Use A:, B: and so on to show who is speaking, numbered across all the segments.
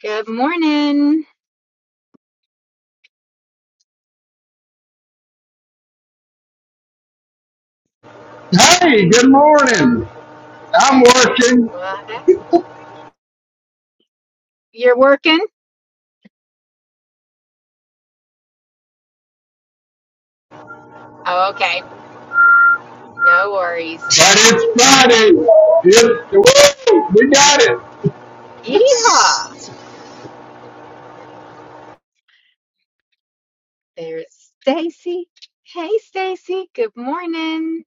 A: Good morning.
B: Hey, good morning. I'm working, but
A: Well, hey, You're working? Oh, okay. No worries.
B: it's Friday. It's, woo, we got it.
A: Yeehaw. There's Stacy. Hey, Stacy. Good morning.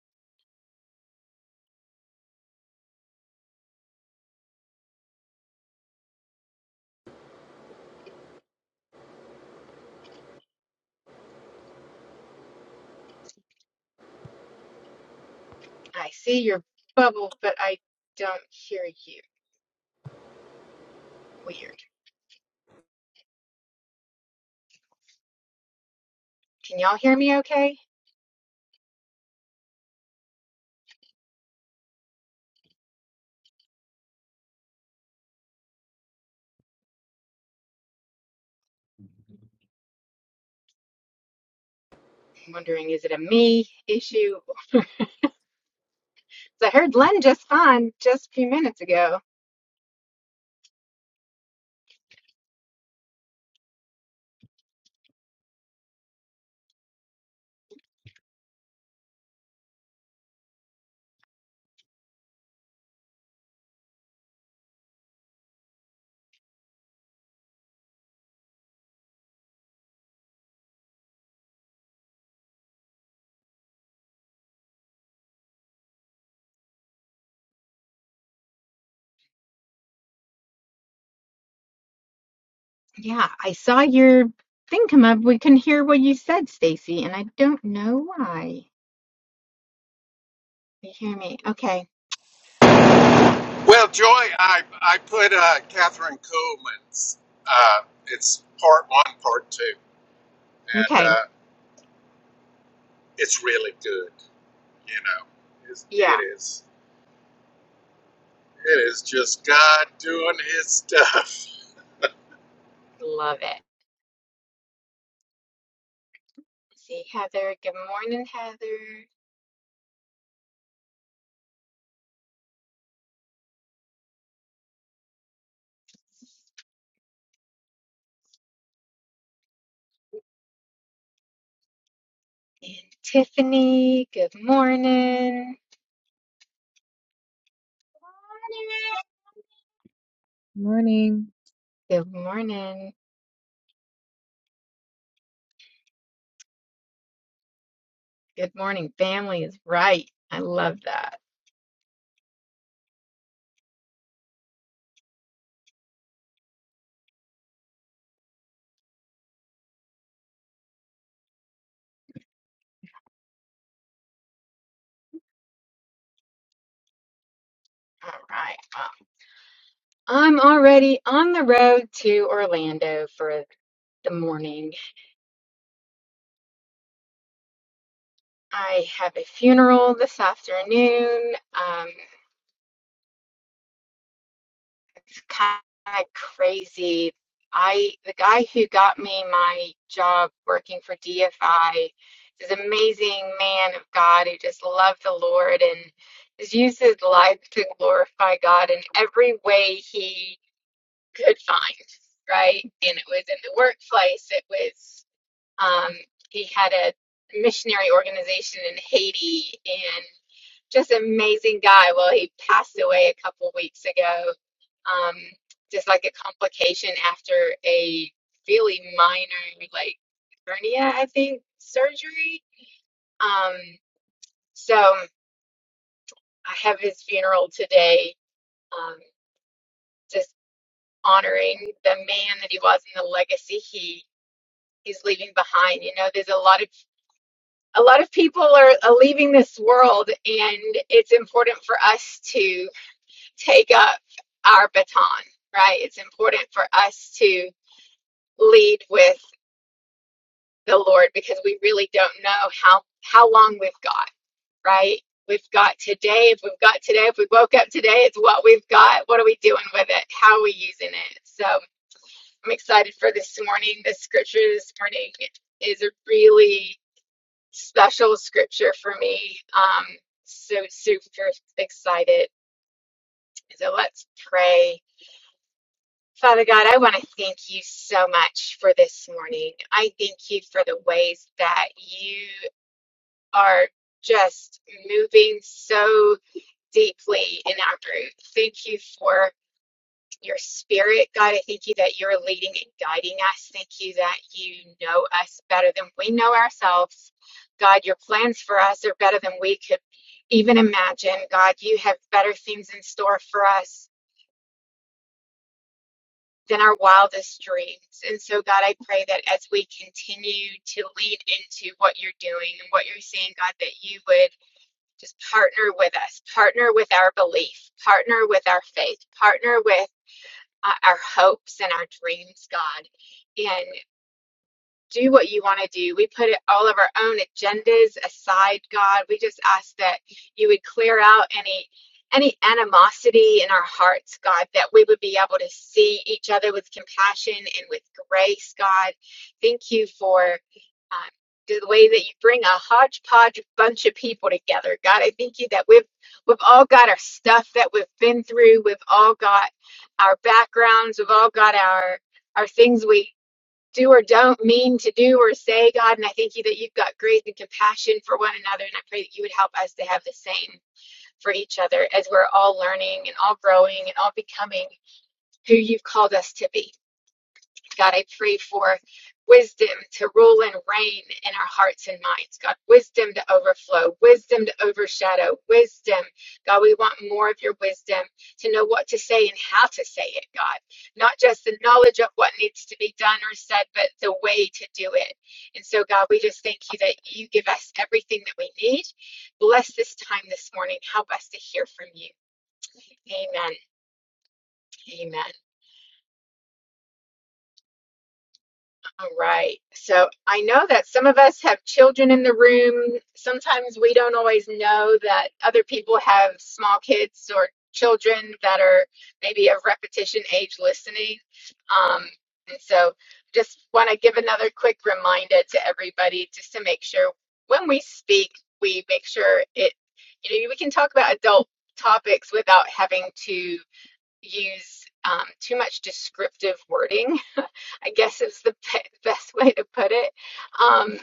A: I see your bubble, but I don't hear you. Weird. Can y'all hear me okay? I'm wondering, is it a me issue? 'Cause I heard Len just fine just a few minutes ago. Yeah, I saw your thing come up. We couldn't hear what you said, Stacy, and I don't know why. You hear me? Okay. Okay. Yeah. Love it. See Heather. Good morning, Heather. And Tiffany. Good morning.
C: Morning.
A: Good morning. Good morning, family is right. I love that. All right. Well, I'm already on the road to Orlando for the morning. I have a funeral this afternoon. Um, it's kind of crazy. I the guy who got me my job working for DFI is amazing man of God who just loved the Lord and has used his life to glorify God in every way he could find, right? And it was in the workplace, it was um he had a missionary organization in Haiti and just amazing guy. Well, he passed away a couple weeks ago, um, just like a complication after a really minor, like hernia, I think, surgery. Um, so I have his funeral today, um, just honoring the man that he was and the legacy he he's leaving behind. You know, there's a lot of a lot of people are, are leaving this world, and it's important for us to take up our baton, right? It's important for us to lead with the Lord because we really don't know how how long we've got, right? We've got today. If we've got today, if we woke up today, it's what we've got. What are we doing with it? How are we using it? So I'm excited for this morning. The scripture this morning is a really special scripture for me. Um, so super excited. So let's pray. Father God, I want to thank you so much for this morning. I thank you for the ways that you are just moving so deeply in our group. Thank you for your spirit, God. I thank you that you're leading and guiding us. Thank you that you know us better than we know ourselves. God, your plans for us are better than we could even imagine. God, you have better things in store for us than our wildest dreams. And so, God, I pray that as we continue to lean into what you're doing and what you're seeing, God, that you would just partner with us, partner with our belief, partner with our faith, partner with uh, our hopes and our dreams, God. and do what you want to do. We put all of our own agendas aside, God. We just ask that you would clear out any any animosity in our hearts, God, that we would be able to see each other with compassion and with grace, God. Thank you for um, the way that you bring a hodgepodge bunch of people together, God. I thank you that we've we've all got our stuff that we've been through. We've all got our backgrounds. We've all got our our things we do or don't mean to do or say, God. And I thank you that you've got grace and compassion for one another. And I pray that you would help us to have the same for each other as we're all learning and all growing and all becoming who you've called us to be. God, I pray for wisdom to rule and reign in our hearts and minds. God, wisdom to overflow, wisdom to overshadow, wisdom. God, we want more of your wisdom to know what to say and how to say it, God. Not just the knowledge of what needs to be done or said, but the way to do it. And so, God, we just thank you that you give us everything that we need. Bless this time this morning. Help us to hear from you. Amen. Amen. All right. So I know that some of us have children in the room. Sometimes we don't always know that other people have small kids or children that are maybe of repetition age listening. Um, and so just want to give another quick reminder to everybody just to make sure when we speak, we make sure it, you know, we can talk about adult topics without having to use um, too much descriptive wording I guess is the best way to put it. Um,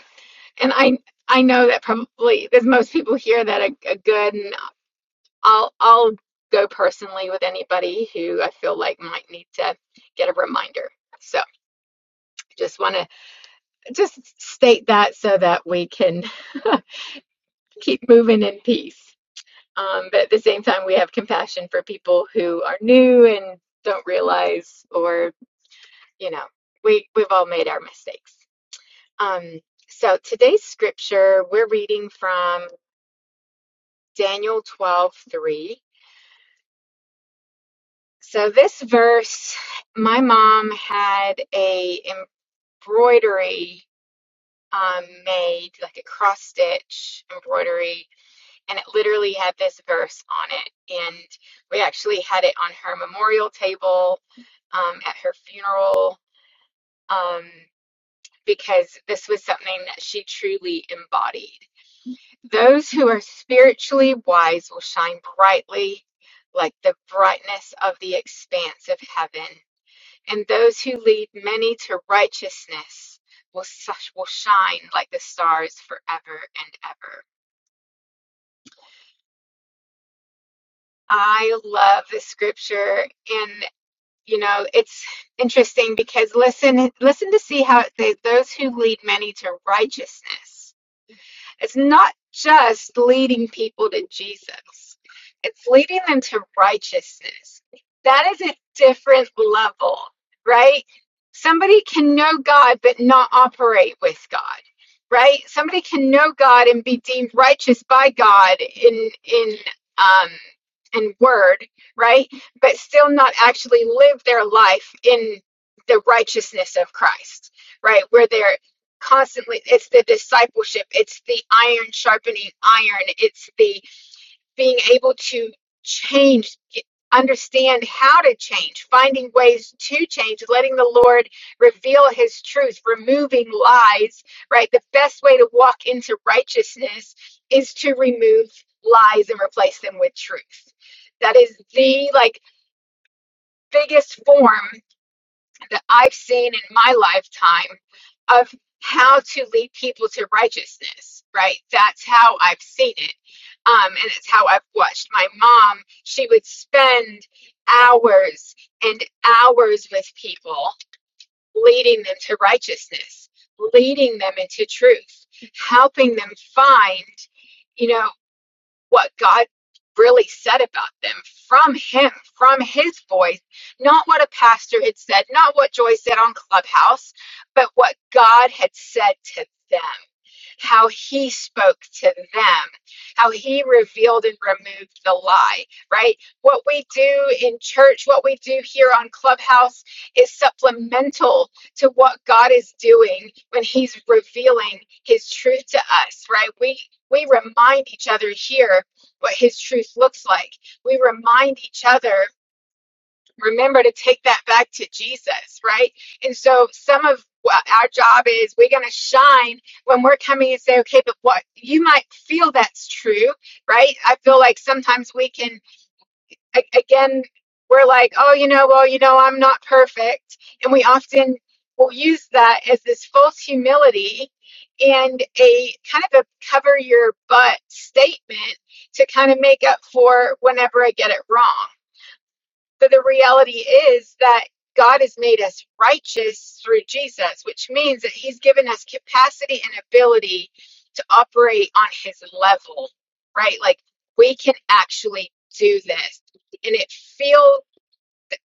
A: and I I know that probably there's most people here that are, are good, and I'll I'll go personally with anybody who I feel like might need to get a reminder. So just want to just state that so that we can keep moving in peace. Um, but at the same time, we have compassion for people who are new and don't realize, or you know, we we've all made our mistakes. Um, so today's scripture, we're reading from Daniel 12:3. So this verse, my mom had a embroidery um, made, like a cross stitch embroidery, and it literally had this verse on it. And we actually had it on her memorial table um, at her funeral um, because this was something that she truly embodied. Those who are spiritually wise will shine brightly like the brightness of the expanse of heaven, and those who lead many to righteousness will such will shine like the stars forever and ever. I love this scripture and you know it's interesting because listen listen to see how it those who lead many to righteousness It's not just leading people to Jesus, it's leading them to righteousness. That is a different level, right? Somebody can know God but not operate with God, right? Somebody can know God and be deemed righteous by God in in um in word, right? But still not actually live their life in the righteousness of Christ, right? Where they're constantly it's the discipleship it's the iron sharpening iron it's the being able to change understand how to change finding ways to change letting the lord reveal his truth removing lies right the best way to walk into righteousness is to remove lies and replace them with truth that is the like biggest form that I've seen in my lifetime of how to lead people to righteousness, right? That's how I've seen it. Um, and it's how I've watched my mom. She would spend hours and hours with people, leading them to righteousness, leading them into truth, helping them find, you know what God really said about them from Him, from His voice, not what a pastor had said, not what Joy said on Clubhouse, but what God had said to them, how He spoke to them, how He revealed and removed the lie, right? What we do in church, what we do here on Clubhouse is supplemental to what God is doing when He's revealing His truth to us, right? We we remind each other here what his truth looks like. We remind each other, remember to take that back to Jesus, right? And so some of what our job is, we're going to shine when we're coming and say, okay, but what you might feel that's true, right? I feel like sometimes we can a- again, we're like, oh, you know, well, you know, I'm not perfect. And we often will use that as this false humility and a kind of a cover your butt statement to kind of make up for whenever I get it wrong. So the reality is that God has made us righteous through Jesus, which means that He's given us capacity and ability to operate on His level, right? Like we can actually do this. And it feels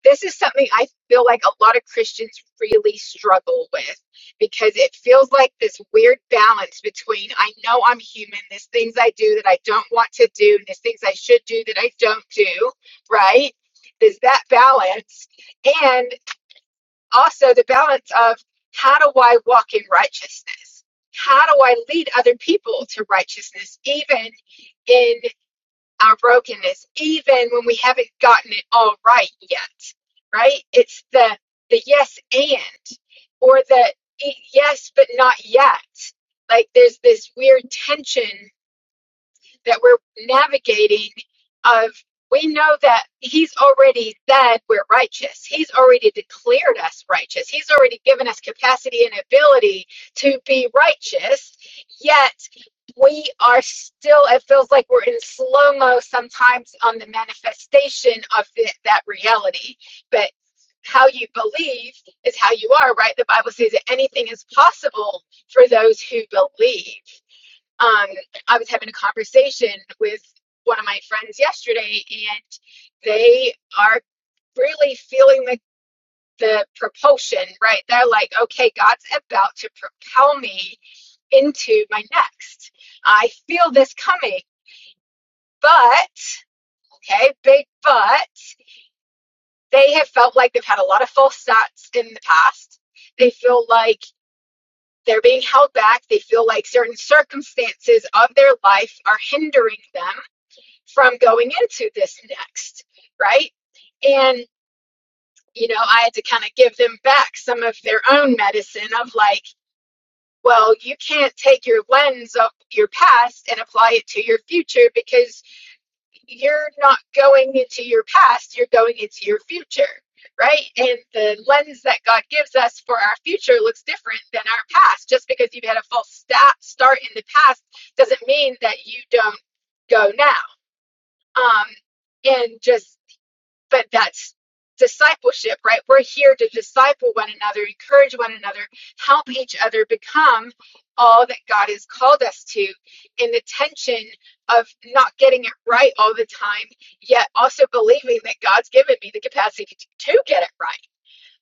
A: this is something I feel like a lot of Christians really struggle with because it feels like this weird balance between I know I'm human, there's things I do that I don't want to do, and there's things I should do that I don't do, right? There's that balance. And also the balance of how do I walk in righteousness? How do I lead other people to righteousness, even in our brokenness, even when we haven't gotten it all right yet, right? It's the the yes and, or the e- yes but not yet. Like there's this weird tension that we're navigating of we know that he's already said we're righteous. He's already declared us righteous. He's already given us capacity and ability to be righteous. Yet we are still, it feels like we're in slow mo sometimes on the manifestation of the, that reality. But how you believe is how you are, right? The Bible says that anything is possible for those who believe um, I was having a conversation with one of my friends yesterday, and they are really feeling the, the propulsion, right? They're like, okay, God's about to propel me into my next. I feel this coming. But, okay, big but, they have felt like they've had a lot of false starts in the past. They feel like they're being held back. They feel like certain circumstances of their life are hindering them from going into this next, right? And, you know, I had to kind of give them back some of their own medicine of like, well, you can't take your lens of your past and apply it to your future because you're not going into your past, you're going into your future, right? And the lens that God gives us for our future looks different than our past. Just because you've had a false sta- start in the past doesn't mean that you don't go now. Um, and just but that's discipleship, right? We're here to disciple one another, encourage one another, help each other become all that God has called us to in the tension of not getting it right all the time, yet also believing that God's given me the capacity to, to get it right.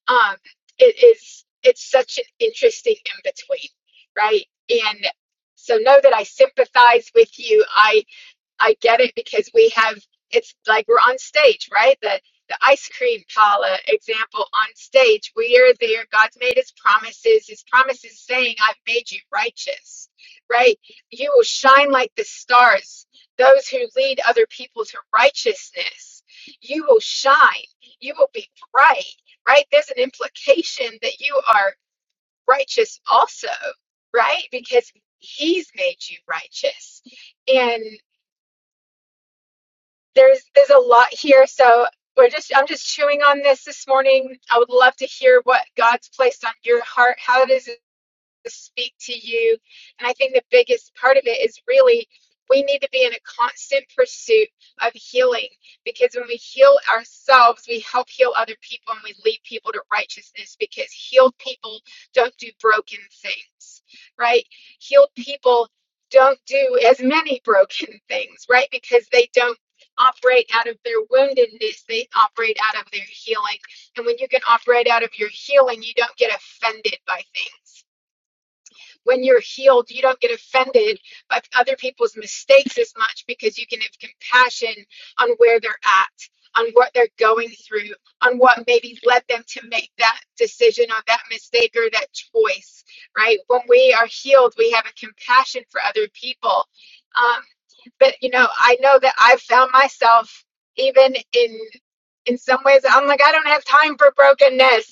A: Um, it is, it's such an interesting in between, right? And so know that I sympathize with you. I. I get it because we have it's like we're on stage, right? The the ice cream parlor example on stage. We are there. God's made his promises. His promises saying, I've made you righteous, right? You will shine like the stars, those who lead other people to righteousness. You will shine. You will be bright, right? There's an implication that you are righteous also, right? Because he's made you righteous and there's there's a lot here so we're just i'm just chewing on this this morning i would love to hear what god's placed on your heart how does to speak to you. And I think the biggest part of it is really we need to be in a constant pursuit of healing because when we heal ourselves, we help heal other people and we lead people to righteousness because healed people don't do broken things, right? Healed people don't do as many broken things, right? Because they don't operate out of their woundedness, they operate out of their healing. And when you can operate out of your healing, you don't get offended by things when you're healed, you don't get offended by other people's mistakes as much because you can have compassion on where they're at, on what they're going through, on what maybe led them to make that decision or that mistake or that choice, right? When we are healed, we have a compassion for other people. Um, but you know, I know that I've found myself even in in some ways, I'm like, I don't have time for brokenness.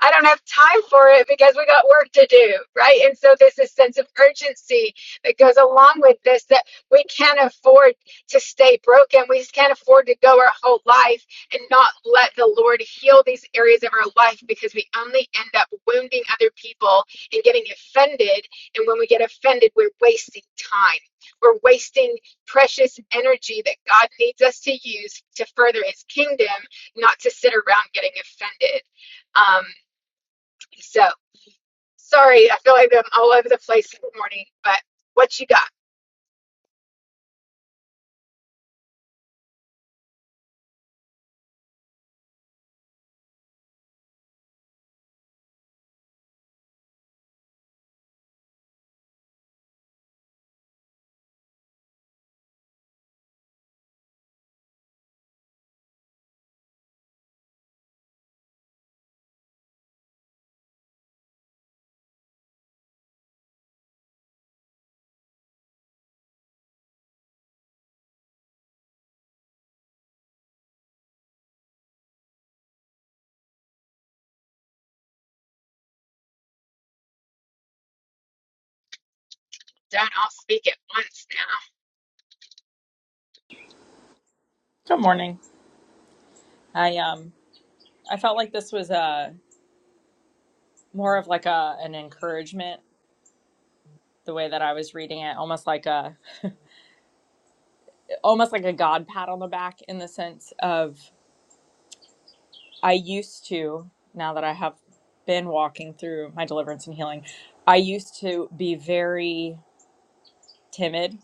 A: I don't have time for it because we got work to do, right? And so there's this sense of urgency that goes along with this that we can't afford to stay broken. We just can't afford to go our whole life and not let the Lord heal these areas of our life because we only end up wounding other people and getting offended. And when we get offended, we're wasting time. We're wasting precious energy that God needs us to use to further his kingdom, not to sit around getting offended. Um, so sorry, I feel like I'm all over the place this morning, but what you got? Don't all speak at once now.
D: Good morning. I um I felt like this was a more of like a an encouragement the way that I was reading it, almost like a almost like a God pat on the back in the sense of I used to now that I have been walking through my deliverance and healing, I used to be very timid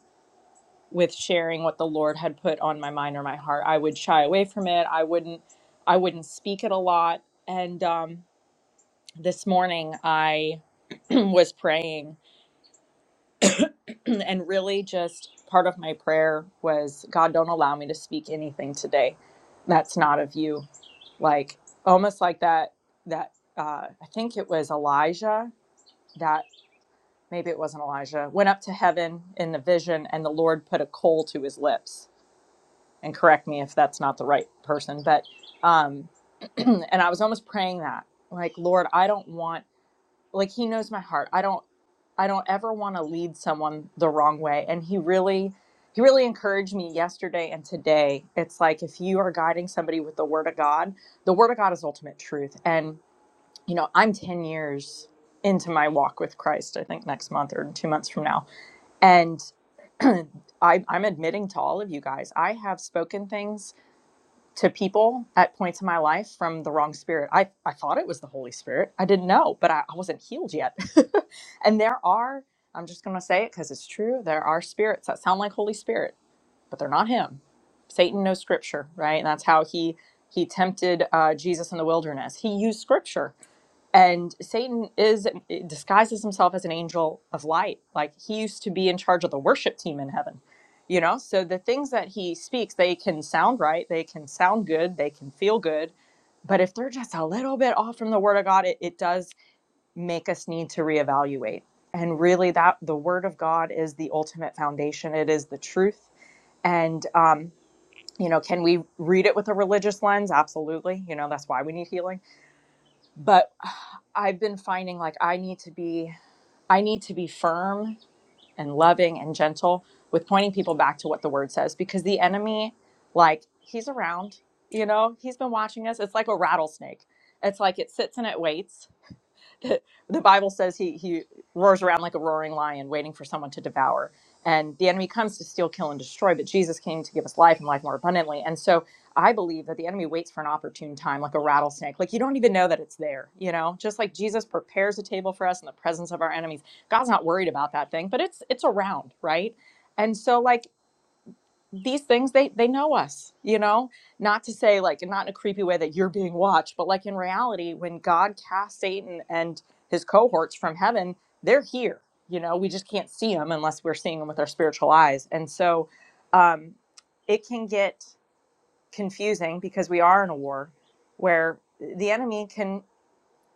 D: with sharing what the Lord had put on my mind or my heart. I would shy away from it. I wouldn't I wouldn't speak it a lot. And um this morning I was praying and really just part of my prayer was god don't allow me to speak anything today that's not of you like almost like that that uh, i think it was elijah that maybe it wasn't elijah went up to heaven in the vision and the lord put a coal to his lips and correct me if that's not the right person but um and i was almost praying that like lord i don't want like he knows my heart i don't I don't ever want to lead someone the wrong way. And he really, he really encouraged me yesterday and today. It's like if you are guiding somebody with the Word of God, the Word of God is ultimate truth. And, you know, I'm 10 years into my walk with Christ, I think next month or two months from now. And I, I'm admitting to all of you guys, I have spoken things to people at points in my life from the wrong spirit. I, I thought it was the Holy Spirit. I didn't know, but I, I wasn't healed yet. and there are, I'm just going to say it because it's true, there are spirits that sound like Holy Spirit, but they're not Him. Satan knows Scripture, right? And that's how he he tempted uh, Jesus in the wilderness. He used Scripture and Satan is eh, disguises himself as an angel of light. Like he used to be in charge of the worship team in heaven. You know, so the things that he speaks, they can sound right, they can sound good, they can feel good. But if they're just a little bit off from the word of God, it, it does make us need to reevaluate. And really that the word of God is the ultimate foundation. It is the truth. And um, you know, can we read it with a religious lens? Absolutely. You know, that's why we need healing But I've been finding like I need to be I need to be firm and loving and gentle with pointing people back to what the word says because the enemy like he's around, you know, he's been watching us. It's like a rattlesnake. It's like it sits and it waits the Bible says he he roars around like a roaring lion, waiting for someone to devour. And the enemy comes to steal, kill, and destroy, but Jesus came to give us life and life more abundantly. And so I believe that the enemy waits for an opportune time, like a rattlesnake. Like you don't even know that it's there, you know. Just like Jesus prepares a table for us in the presence of our enemies, God's not worried about that thing, but it's it's around, right? And so, like these things they they know us you know not to say like not in a creepy way that you're being watched but like in reality when god cast satan and his cohorts from heaven they're here you know we just can't see them unless we're seeing them with our spiritual eyes and so um it can get confusing because we are in a war where the enemy can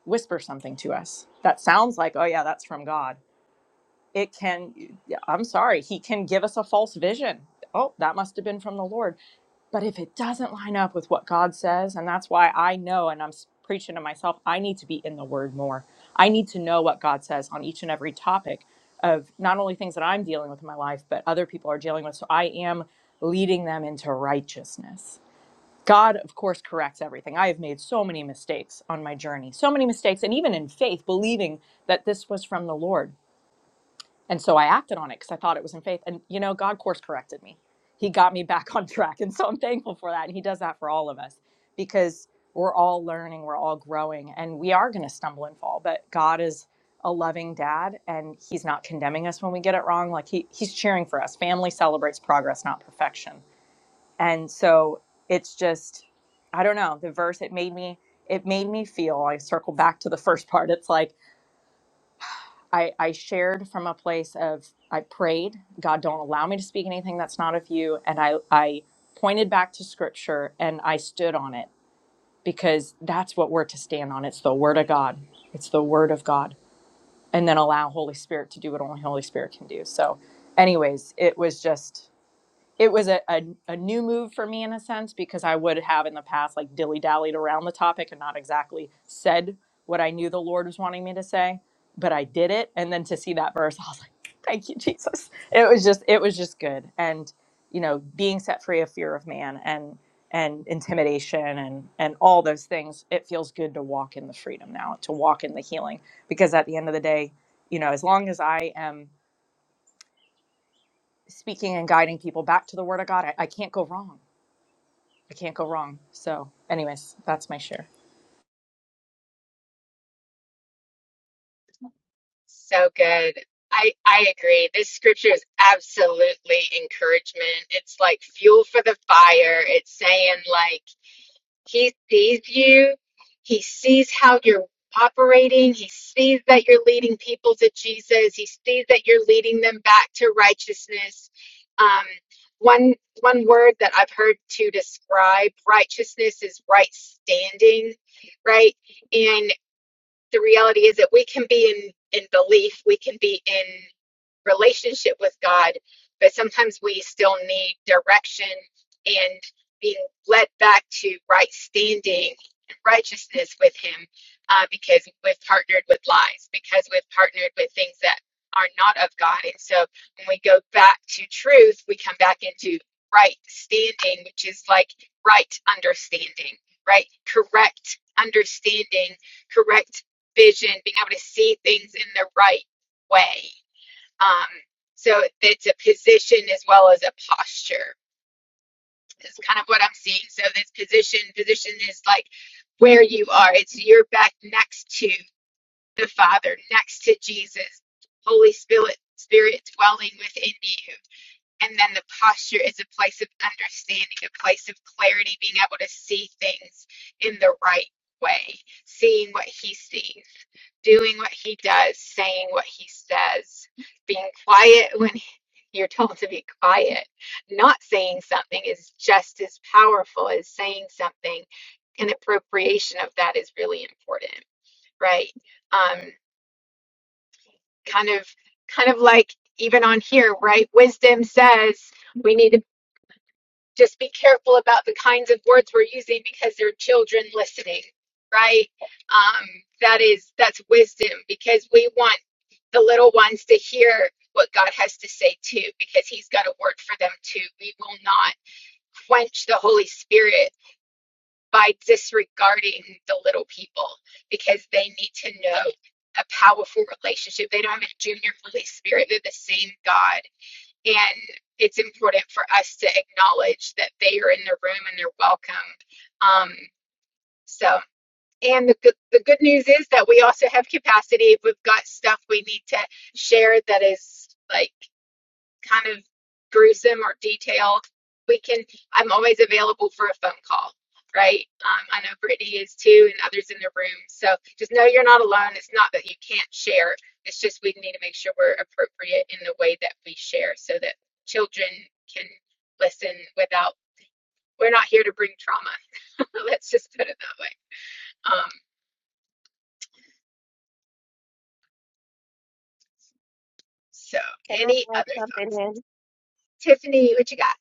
D: whisper something to us that sounds like oh yeah that's from god it can i'm sorry he can give us a false vision oh that must have been from the lord but if it doesn't line up with what God says, and that's why I know, and I'm preaching to myself, I need to be in the Word more. I need to know what God says on each and every topic of not only things that I'm dealing with in my life, but other people are dealing with. So I am leading them into righteousness. God, of course, corrects everything. I have made so many mistakes on my journey, so many mistakes, and even in faith, believing that this was from the Lord. And so I acted on it because I thought it was in faith. And, you know, God course corrected me. He got me back on track. And so I'm thankful for that. And He does that for all of us because we're all learning, we're all growing, and we are going to stumble and fall. But God is a loving dad and He's not condemning us when we get it wrong. Like he, He's cheering for us. Family celebrates progress, not perfection. And so it's just, I don't know, the verse, it made me. It made me feel, I circle back to the first part. It's like I, I shared from a place of I prayed, God, don't allow me to speak anything that's not of you. And I, I pointed back to scripture and I stood on it because that's what we're to stand on. It's the word of God. It's the word of God. And then allow Holy Spirit to do what only Holy Spirit can do. So, anyways, it was just it was a, a, a new move for me in a sense because I would have in the past like dilly dallied around the topic and not exactly said what I knew the Lord was wanting me to say, but I did it. And then to see that verse, I was like, thank you, Jesus. It was just, it was just good. And, you know, being set free of fear of man and, and intimidation and, and all those things, it feels good to walk in the freedom now, to walk in the healing. Because at the end of the day, you know, as long as I am speaking and guiding people back to the word of God, I, I can't go wrong I can't go wrong. So, anyways, that's my share.
A: So good. I, I agree. This scripture is absolutely encouragement. It's like fuel for the fire. It's saying like He sees you. He sees how you're operating. He sees that you're leading people to Jesus. He sees that you're leading them back to righteousness. Um, one one word that I've heard to describe righteousness is right standing, right? And the reality is that we can be in in belief, we can be in relationship with God, but sometimes we still need direction and being led back to right standing and righteousness with Him uh, because we've partnered with lies, because we've partnered with things that are not of God. And so when we go back to truth, we come back into right standing, which is like right understanding, right? Correct understanding, correct vision, being able to see things in the right way. Um, so it's a position as well as a posture. Is kind of what I'm seeing. So this position, position is like where you are. It's your back next to the Father, next to Jesus, Holy Spirit, Spirit dwelling within you. And then the posture is a place of understanding, a place of clarity, being able to see things in the right way, seeing what he sees, doing what he does, saying what he says, being quiet when you're told to be quiet. Not saying something is just as powerful as saying something. An appropriation of that is really important, right? Um, kind of, kind of like even on here, right? Wisdom says, we need to just be careful about the kinds of words we're using because there are children listening right um, that is that's wisdom because we want the little ones to hear what god has to say too because he's got a word for them too we will not quench the holy spirit by disregarding the little people because they need to know a powerful relationship they don't have a junior holy spirit they're the same god and it's important for us to acknowledge that they are in the room and they're welcome. Um, so, and the good, the good news is that we also have capacity. If we've got stuff we need to share that is like kind of gruesome or detailed, we can. I'm always available for a phone call, right? Um, I know Brittany is too, and others in the room. So just know you're not alone. It's not that you can't share. It's just we need to make sure we're appropriate in the way that we share, so that children can listen without. We're not here to bring trauma. Let's just put it that way. Um, so
E: Can I
A: any
E: add
A: other
E: something
A: thoughts,
E: in?
A: Tiffany? What you got?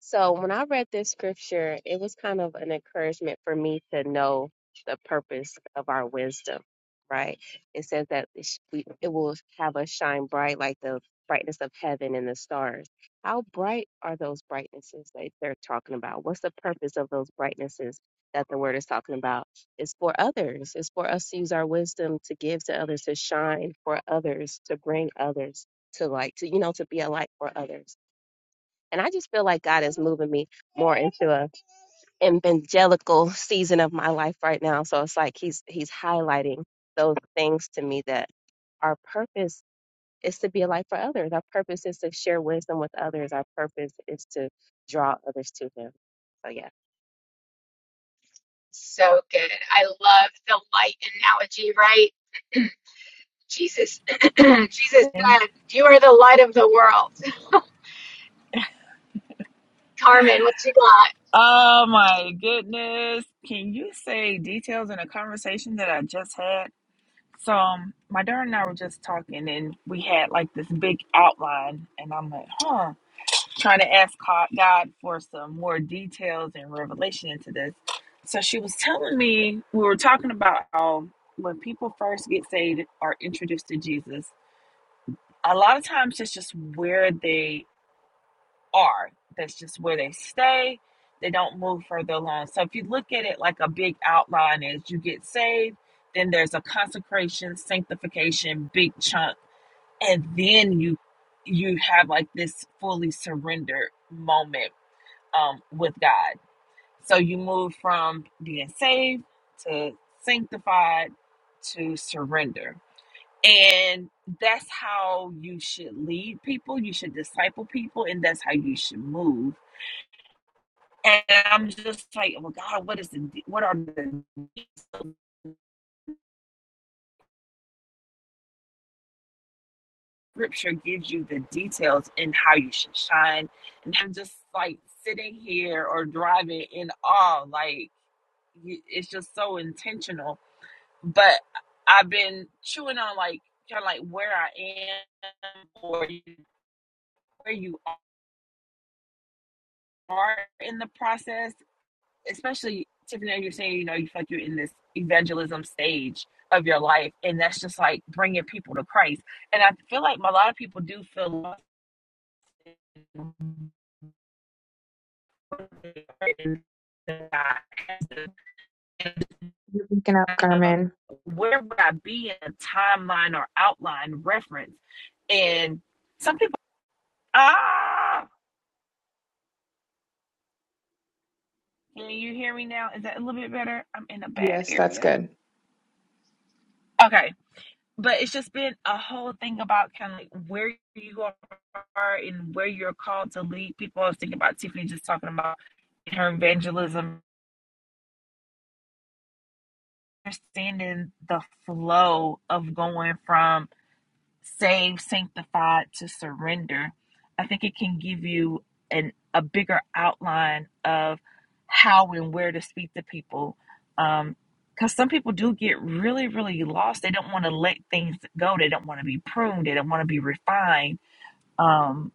E: So when I read this scripture, it was kind of an encouragement for me to know the purpose of our wisdom, right? It says that it sh- we- it will have us shine bright like the brightness of heaven and the stars. How bright are those brightnesses that they're talking about? What's the purpose of those brightnesses that the word is talking about? It's for others. It's for us to use our wisdom to give to others, to shine for others, to bring others to like to you know to be a light for others. And I just feel like God is moving me more into a evangelical season of my life right now. So it's like he's he's highlighting those things to me that our purpose is to be a light for others. Our purpose is to share wisdom with others. Our purpose is to draw others to him. So yeah,
A: So good. I love the light analogy, right? Jesus, Jesus,
F: thing.
A: God, you are the light of the world. Carmen, what you got?
F: Oh my goodness. Can you say details in a conversation that I just had? So, um, my daughter and I were just talking, and we had like this big outline, and I'm like, huh, trying to ask co- God for some more details and revelation into this. So, she was telling me, we were talking about how when people first get saved or introduced to Jesus, a lot of times it's just where they are. That's just where they stay. They don't move further along. So if you look at it like a big outline is you get saved, then there's a consecration, sanctification, big chunk, and then you you have like this fully surrendered moment um with God. So you move from being saved to sanctified to surrender. And that's how you should lead people. You should disciple people, and that's how you should move and I'm just like, well, God, what is the what are the scripture gives you the details in how you should shine? And I'm just like sitting here or driving in awe, like it's just so intentional. But I've been chewing on like kind of like where I am or where you are in the process especially Tiffany, you're saying, you know, you feel like you're in this evangelism stage of your life, and that's just like bringing people to Christ. And I feel like a lot of people do feel lost
C: Waking up,
F: uh,
C: Carmen.
F: Where would I be in a timeline or outline reference? And some people, ah, can you hear me now? Is that a little bit better? I'm in a bad
C: Yes, that's
F: area.
C: good.
F: Okay. but it's just been a whole thing about kind of like where you are and where you're called to lead people. I was thinking about Tiffany just talking about her evangelism, understanding the flow of going from saved, sanctified to surrender. I think it can give you an a bigger outline of how and where to speak to people. Um, because some people do get really, really lost. They don't want to let things go. They don't want to be pruned. They don't want to be refined um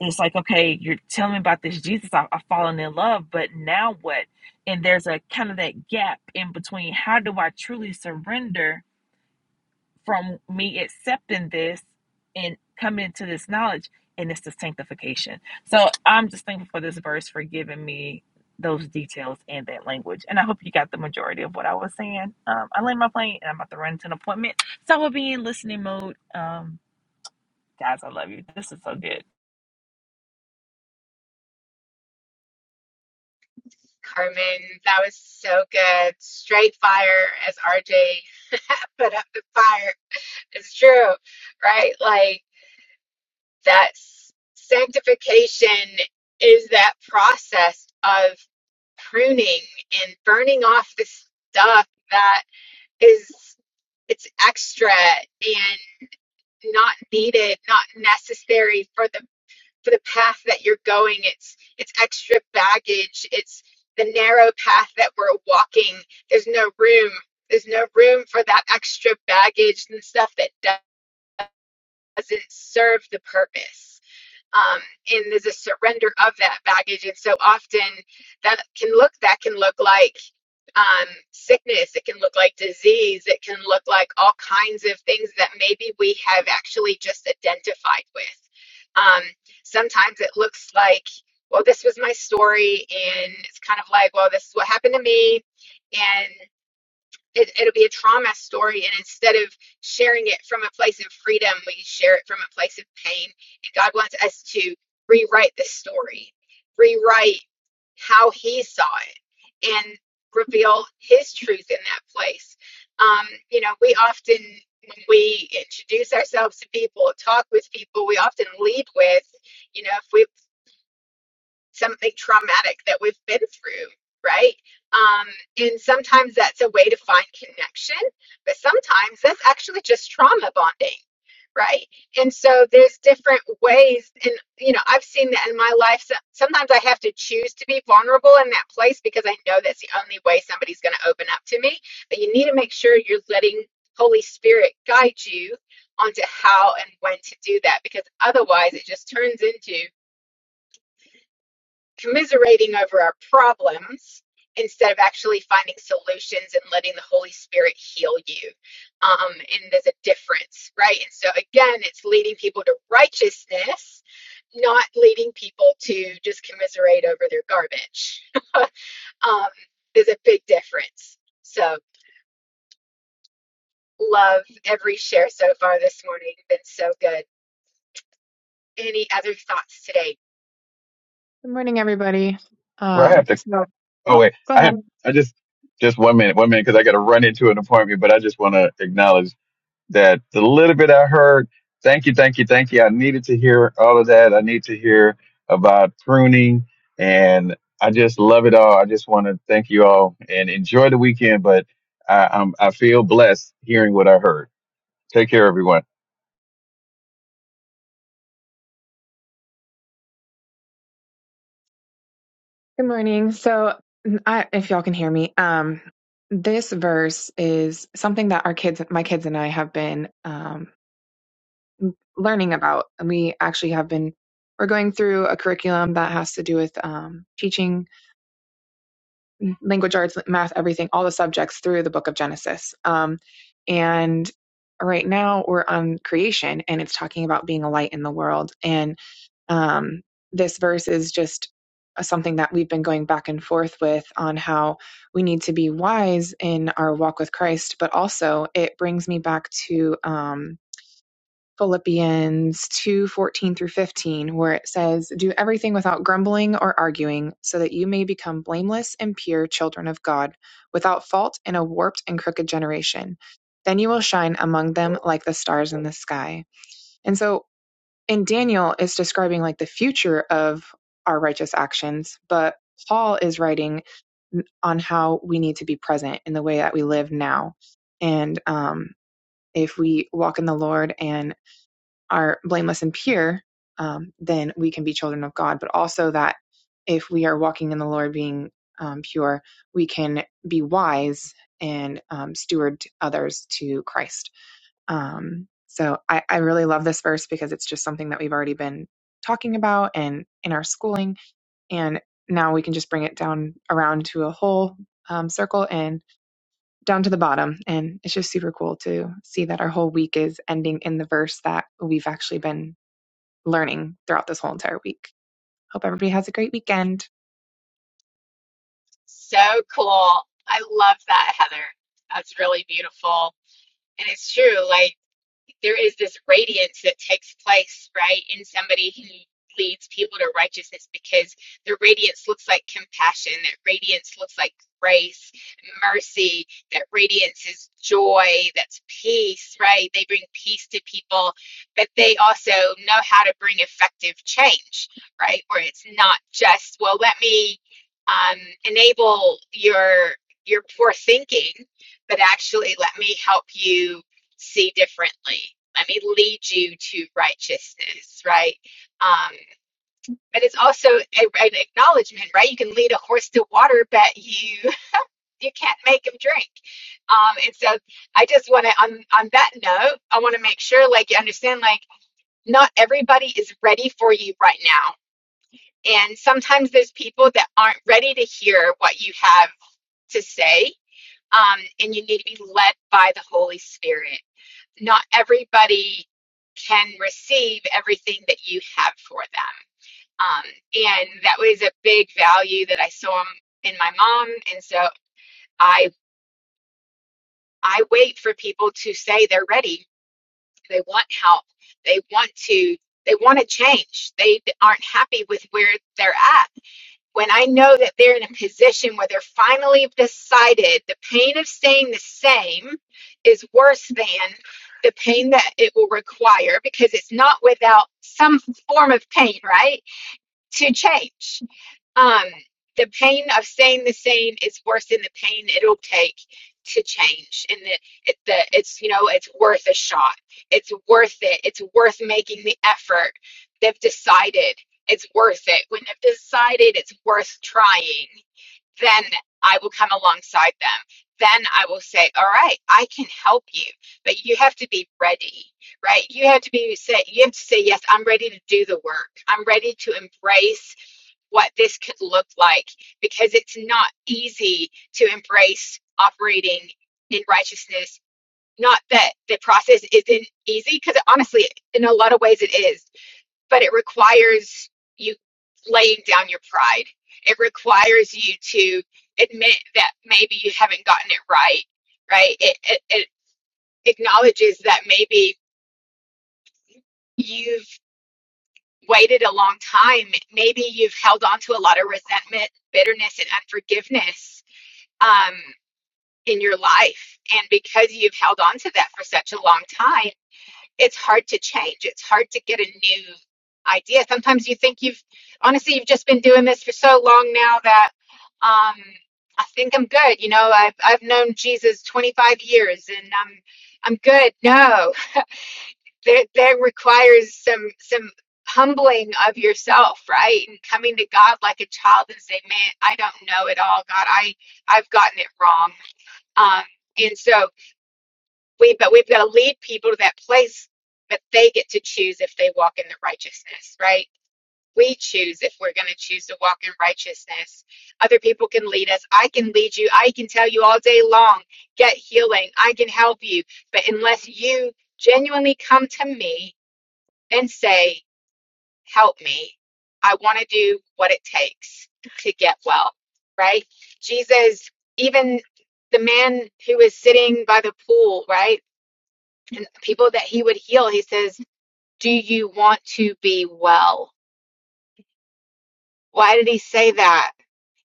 F: and it's like okay you're telling me about this jesus I, i've fallen in love but now what and there's a kind of that gap in between how do i truly surrender from me accepting this and coming to this knowledge and it's the sanctification so i'm just thankful for this verse for giving me those details and that language and i hope you got the majority of what i was saying um, i land my plane and i'm about to run to an appointment so i will be in listening mode um, guys i love you this is so good
A: Carmen, that was so good. Straight fire, as RJ put up the fire. It's true, right? Like that sanctification is that process of pruning and burning off the stuff that is it's extra and not needed, not necessary for the for the path that you're going it's it's extra baggage it's the narrow path that we're walking there's no room there's no room for that extra baggage and stuff that doesn't serve the purpose um, and there's a surrender of that baggage and so often that can look that can look like um, sickness. It can look like disease. It can look like all kinds of things that maybe we have actually just identified with. Um, sometimes it looks like, well, this was my story, and it's kind of like, well, this is what happened to me, and it, it'll be a trauma story and instead of sharing it from a place of freedom we share it from a place of pain and god wants us to rewrite the story rewrite how he saw it and reveal his truth in that place um, you know we often when we introduce ourselves to people talk with people we often lead with you know if we something traumatic that we've been through, right? Um, and sometimes that's a way to find connection, but sometimes that's actually just trauma bonding, right? And so there's different ways, and you know, I've seen that in my life. So sometimes I have to choose to be vulnerable in that place because I know that's the only way somebody's going to open up to me. But you need to make sure you're letting Holy Spirit guide you onto how and when to do that because otherwise it just turns into commiserating over our problems instead of actually finding solutions and letting the Holy Spirit heal you. Um, and there's a difference, right? And so, again, it's leading people to righteousness, not leading people to just commiserate over their garbage. um, there's a big difference. So, love every share so far this morning. Been so good. Any other thoughts today?
C: Good morning, everybody.
G: Well, I
C: Um,
G: have to.
C: so,
G: Oh
C: oh,
G: wait,
C: go
G: I
C: ahead.
G: have. I just just one minute, one minute, because I got to run into an appointment. But I just want to acknowledge that the little bit I heard. Thank you, thank you, thank you. I needed to hear all of that. I need to hear about pruning, and I just love it all. I just want to thank you all and enjoy the weekend. But I, I'm I feel blessed hearing what I heard. Take care, everyone.
C: Good morning. So, I, if y'all can hear me, um, this verse is something that our kids, my kids and I have been um, learning about. And we actually have been, we're going through a curriculum that has to do with um, teaching language arts, math, everything, all the subjects through the book of Genesis. Um, and right now we're on creation and it's talking about being a light in the world. And um, this verse is just something that we've been going back and forth with on how we need to be wise in our walk with Christ, but also it brings me back to. Um, Philippians 2:14 through 15, where it says, Do everything without grumbling or arguing, so that you may become blameless and pure children of God, without fault in a warped and crooked generation. Then you will shine among them like the stars in the sky. And so in Daniel, it's describing like the future of our righteous actions, but Paul is writing on how we need to be present in the way that we live now. And um, if we walk in the Lord and are blameless and pure, um, then we can be children of God. But also that if we are walking in the Lord being um, pure, we can be wise and um, steward others to Christ. Um, so I, I really love this verse because it's just something that we've already been talking about and in our schooling. And now we can just bring it down around to a whole um, circle and down to the bottom. And it's just super cool to see that our whole week is ending in the verse that we've actually been learning throughout this whole entire week. Hope everybody has a great weekend.
A: So cool. I love that, Heather. That's really beautiful. And it's true, like there is this radiance that takes place, right, in somebody who leads people to righteousness because the radiance looks like compassion, that radiance looks like grace, mercy, that radiance is joy, that's peace, right? They bring peace to people, but they also know how to bring effective change, right? Where it's not just, well, let me um, enable your your poor thinking but actually let me help you see differently. Let me lead you to righteousness, right? Um, but it's also a, an acknowledgement, right? You can lead a horse to water, but you you can't make him drink. Um, and so I just want to on on that note, I want to make sure like you understand like not everybody is ready for you right now. And sometimes there's people that aren't ready to hear what you have to say. Um, and you need to be led by the Holy Spirit. not everybody can receive everything that you have for them. Um, and that was a big value that I saw in in my mom. And so I I wait for people to say they're ready, they want help, they want to they want to change, they aren't happy with where they're at when I know that they're in a position where they're finally decided the pain of staying the same is worse than the pain that it will require because it's not without some form of pain, right? To change. Um, the pain of staying the same is worse than the pain it'll take to change. And the, it, the, it's, you know, it's worth a shot. It's worth it. It's worth making the effort. They've decided it's worth it. When they've decided it's worth trying, then I will come alongside them. Then I will say, all right, I can help you, but you have to be ready, right? You have to be set. you have to say, yes, I'm ready to do the work. I'm ready to embrace what this could look like because it's not easy to embrace operating in righteousness. Not that the process isn't easy, because honestly, in a lot of ways it is, but it requires you laying down your pride. It requires you to admit that maybe you haven't gotten it right, right? It, it, it acknowledges that maybe you've waited a long time. Maybe you've held on to a lot of resentment, bitterness, and unforgiveness um, in your life. And because you've held on to that for such a long time, it's hard to change. It's hard to get a new idea. Sometimes you think you've, honestly, you've just been doing this for so long now that um, I think I'm good. You know, I've, I've known Jesus 25 years and I'm, I'm good. No, that, that requires some, some humbling of yourself, right? And coming to God like a child and say, man, I don't know it all. God, I, I've gotten it wrong. Um, and so we, but we've got to lead people to that place, but they get to choose if they walk in the righteousness, right? We choose if we're going to choose to walk in righteousness. Other people can lead us. I can lead you. I can tell you all day long, get healing. I can help you. But unless you genuinely come to me and say, help me. I want to do what it takes to get well, right? Jesus, even the man who is sitting by the pool, right? And people that he would heal, he says, Do you want to be well? Why did he say that?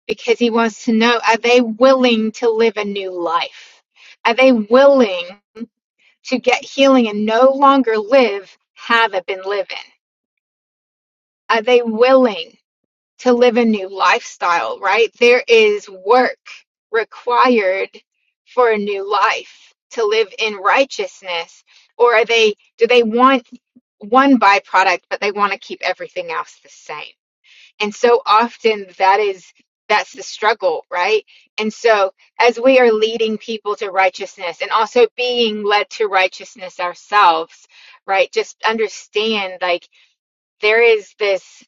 A: Because he wants to know are they willing to live a new life? Are they willing to get healing and no longer live how they've been living? Are they willing? to live a new lifestyle, right? There is work required for a new life to live in righteousness. Or are they, do they want one byproduct, but they want to keep everything else the same? And so often that is, that's the struggle, right? And so as we are leading people to righteousness and also being led to righteousness ourselves, right? Just understand like there is this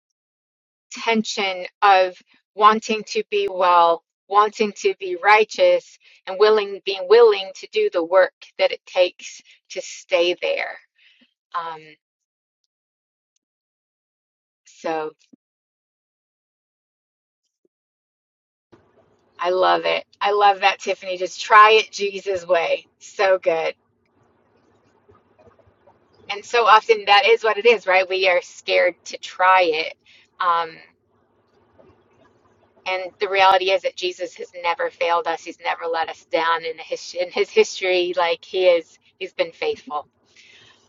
A: tension of wanting to be well, wanting to be righteous, and willing being willing to do the work that it takes to stay there. Um, so I love it. I love that, Tiffany. Just try it Jesus' way. So good. And so often that is what it is, right? We are scared to try it. Um, and the reality is that Jesus has never failed us. He's never let us down in his in his history. Like he is, he's been faithful.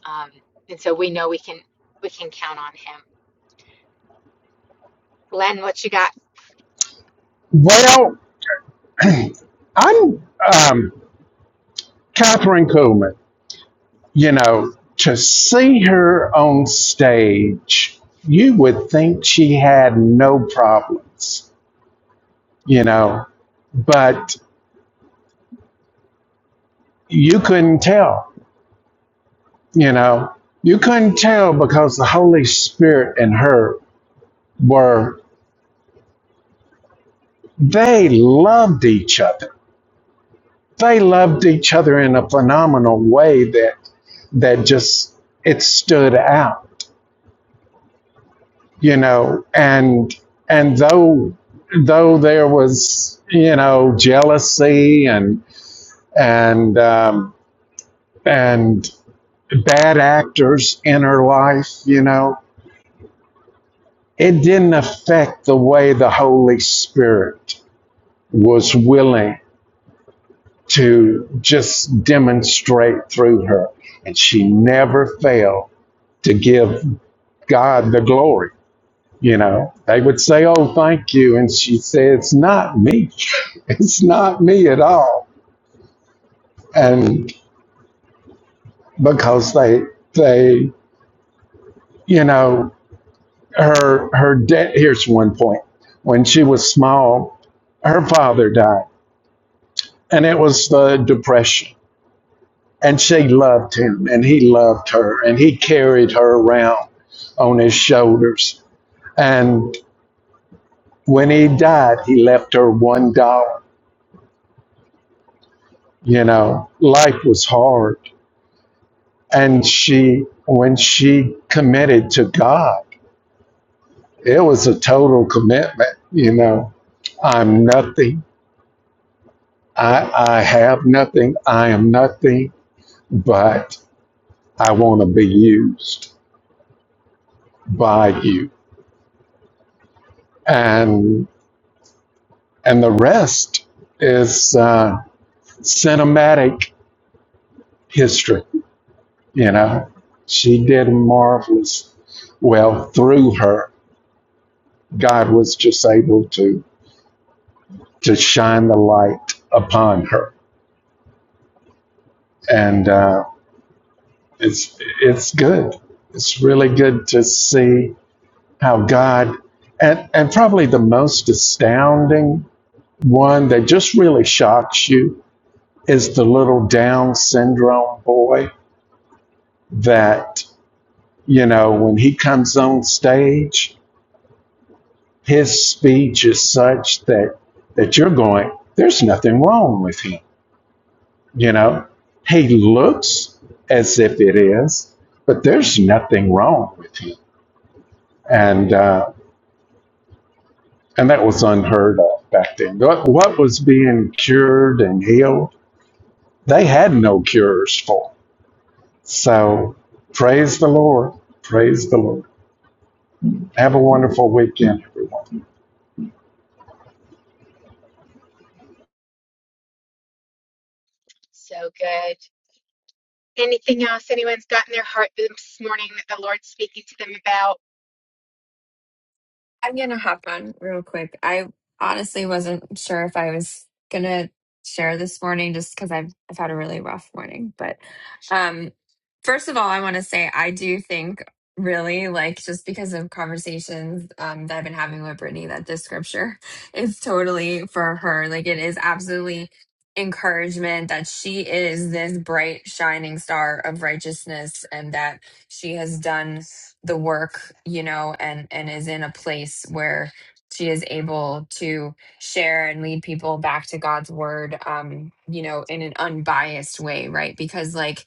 A: Um, and so we know we can we can count on him. Glenn, what you got?
B: Well, I'm um, Catherine Kuhlman. You know, to see her on stage, you would think she had no problems, you know, but you couldn't tell, you know. You couldn't tell because the Holy Spirit and her were, they loved each other they loved each other in a phenomenal way that that just it stood out you know and and though though there was you know jealousy and and um, and bad actors in her life you know it didn't affect the way the holy spirit was willing to just demonstrate through her and she never failed to give God the glory. You know, they would say, Oh, thank you. And she'd say, It's not me. it's not me at all. And because they, they, you know, her, her debt, here's one point. When she was small, her father died, and it was the Depression. And she loved him, and he loved her, and he carried her around on his shoulders. And when he died, he left her $1 you know life was hard and she when she committed to god it was a total commitment you know i'm nothing i i have nothing i am nothing but i want to be used by you and and the rest is uh, cinematic history you know she did marvelous well through her god was just able to to shine the light upon her. And uh, it's it's good. It's really good to see how God and and probably the most astounding one that just really shocks you is the little Down syndrome boy that you know when he comes on stage, his speech is such that that you're going, there's nothing wrong with him You know, he looks as if it is, but there's nothing wrong with him. And uh, and that was unheard of back then. What, what was being cured and healed, they had no cures for. So praise the Lord. Praise the Lord. Have a wonderful weekend, everyone.
A: So good. Anything else anyone's got in their heart this morning that the Lord's speaking to them about?
H: I'm gonna hop on real quick. I honestly wasn't sure if I was gonna share this morning just because I've I've had a really rough morning. But um first of all I wanna say I do think really like just because of conversations um that I've been having with Brittany that this scripture is totally for her. Like it is absolutely encouragement that she is this bright shining star of righteousness and that she has done the work you know and and is in a place where she is able to share and lead people back to god's word um you know in an unbiased way right because like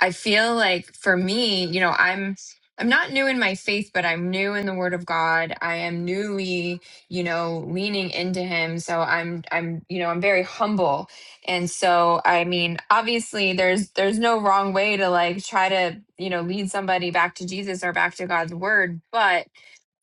H: i feel like for me you know i'm i'm not new in my faith but i'm new in the word of god i am newly you know leaning into him so i'm i'm you know i'm very humble and so i mean obviously there's there's no wrong way to like try to you know lead somebody back to jesus or back to god's word but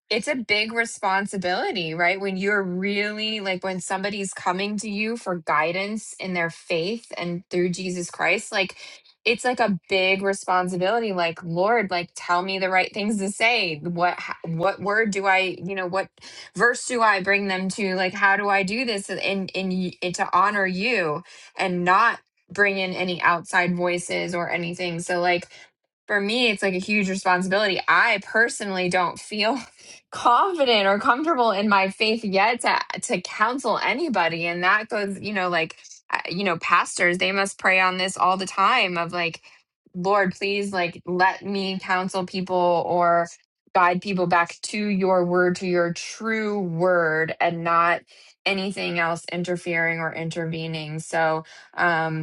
H: it's a big responsibility, right? When you're really like when somebody's coming to you for guidance in their faith and through Jesus Christ, like it's like a big responsibility like lord like tell me the right things to say what h- what word do i you know what verse do i bring them to like how do i do this and and, and, y- and to honor you and not bring in any outside voices or anything so like for me, it's like a huge responsibility. I personally don't feel confident or comfortable in my faith yet to to counsel anybody, and that goes, you know, like uh, you know, pastors they must pray on this all the time of like, Lord, please, like, let me counsel people or guide people back to your word, to your true word, and not anything else interfering or intervening. So, um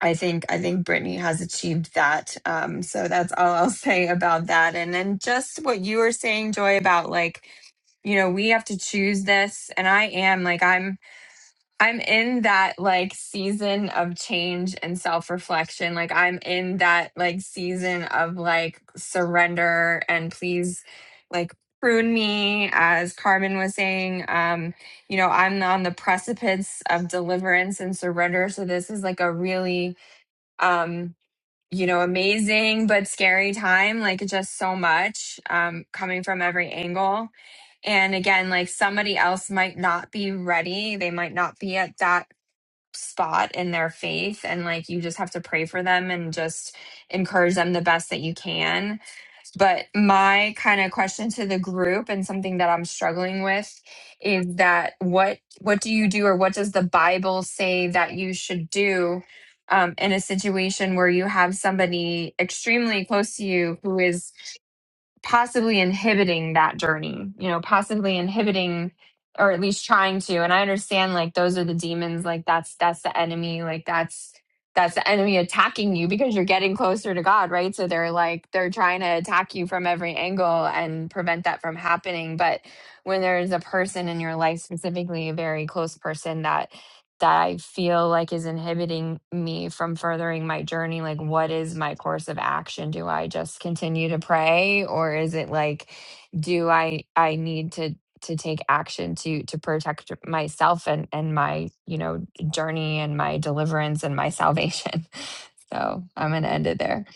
H: I think I think Brittany has achieved that. Um, so that's all I'll say about that. And then just what you were saying, Joy, about like, you know, we have to choose this. And I am like I'm I'm in that like season of change and self-reflection. Like I'm in that like season of like surrender and please like prune me, as Carmen was saying. Um, you know, I'm on the precipice of deliverance and surrender. So this is like a really um you know amazing but scary time like just so much um coming from every angle and again like somebody else might not be ready they might not be at that spot in their faith and like you just have to pray for them and just encourage them the best that you can but my kind of question to the group and something that I'm struggling with is that what what do you do or what does the Bible say that you should do um, in a situation where you have somebody extremely close to you who is possibly inhibiting that journey, you know, possibly inhibiting or at least trying to. And I understand like those are the demons, like that's that's the enemy, like that's that's the enemy attacking you because you're getting closer to God, right? So they're like they're trying to attack you from every angle and prevent that from happening. But when there's a person in your life, specifically a very close person that that I feel like is inhibiting me from furthering my journey? Like, what is my course of action? Do I just continue to pray, or is it like, do I I need to to take action to to protect myself and and my you know journey and my deliverance and my salvation? So I'm gonna end it there.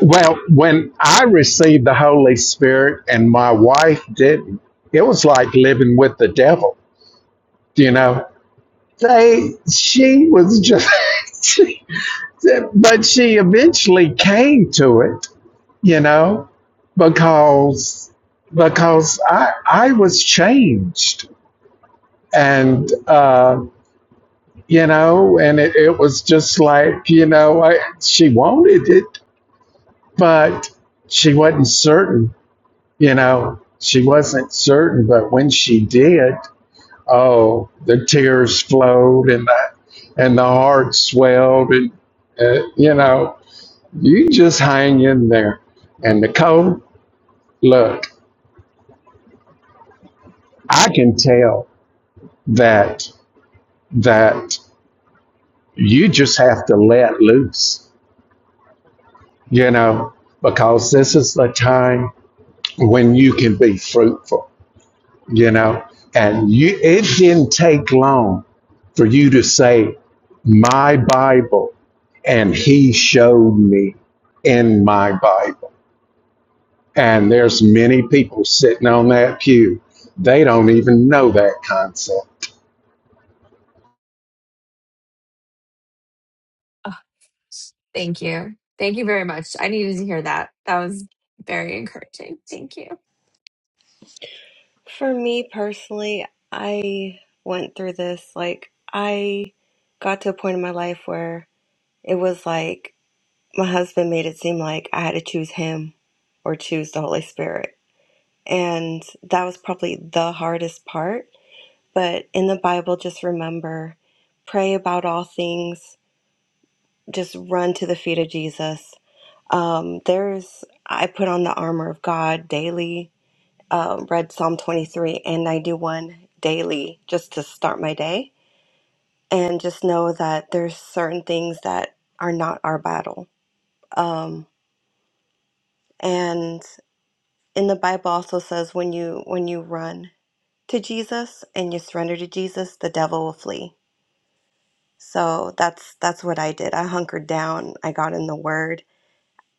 B: Well, when I received the Holy Spirit and my wife didn't, it was like living with the devil. You know, they she was just she But she eventually came to it, you know, because because I I was changed, and uh, you know, and it, it was just like you know, I, she wanted it, but she wasn't certain, you know, she wasn't certain. But when she did, oh, the tears flowed and the and the heart swelled, and uh, you know, You just hang in there. And Nicole, look, I can tell that that you just have to let loose, you know, because this is the time when you can be fruitful, you know. And you it didn't take long for you to say, My Bible, and he showed me in my Bible. And there's many people sitting on that pew. They don't even know that concept
H: Oh, thank you, thank you very much. I needed to hear that. That was very encouraging. Thank you.
I: For me personally, I went through this. Like, I got to a point in my life where it was like my husband made it seem like I had to choose him or choose the Holy Spirit. And that was probably the hardest part. But in the Bible, just remember pray about all things, just run to the feet of Jesus. Um, there's, I put on the armor of God daily um, read Psalm 23 and 91 daily just to start my day and just know that there's certain things that are not our battle. Um, and in the Bible also says when you when you run to Jesus and you surrender to Jesus, the devil will flee. So that's that's what I did. I hunkered down. I got in the Word.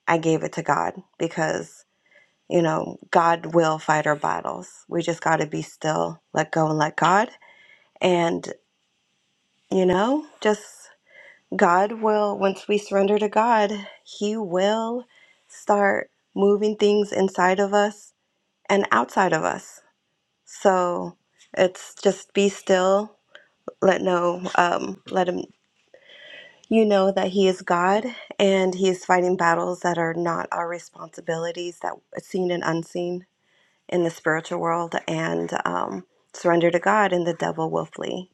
I: I gave it to God because you know God will fight our battles. We just got to be still, let go, and let God. and You know, just God will, once we surrender to God, He will start moving things inside of us and outside of us. So it's just be still, let know, um, let Him, you know, that He is God and He is fighting battles that are not our responsibilities, that seen and unseen in the spiritual world, and um, surrender to God, and the devil will flee.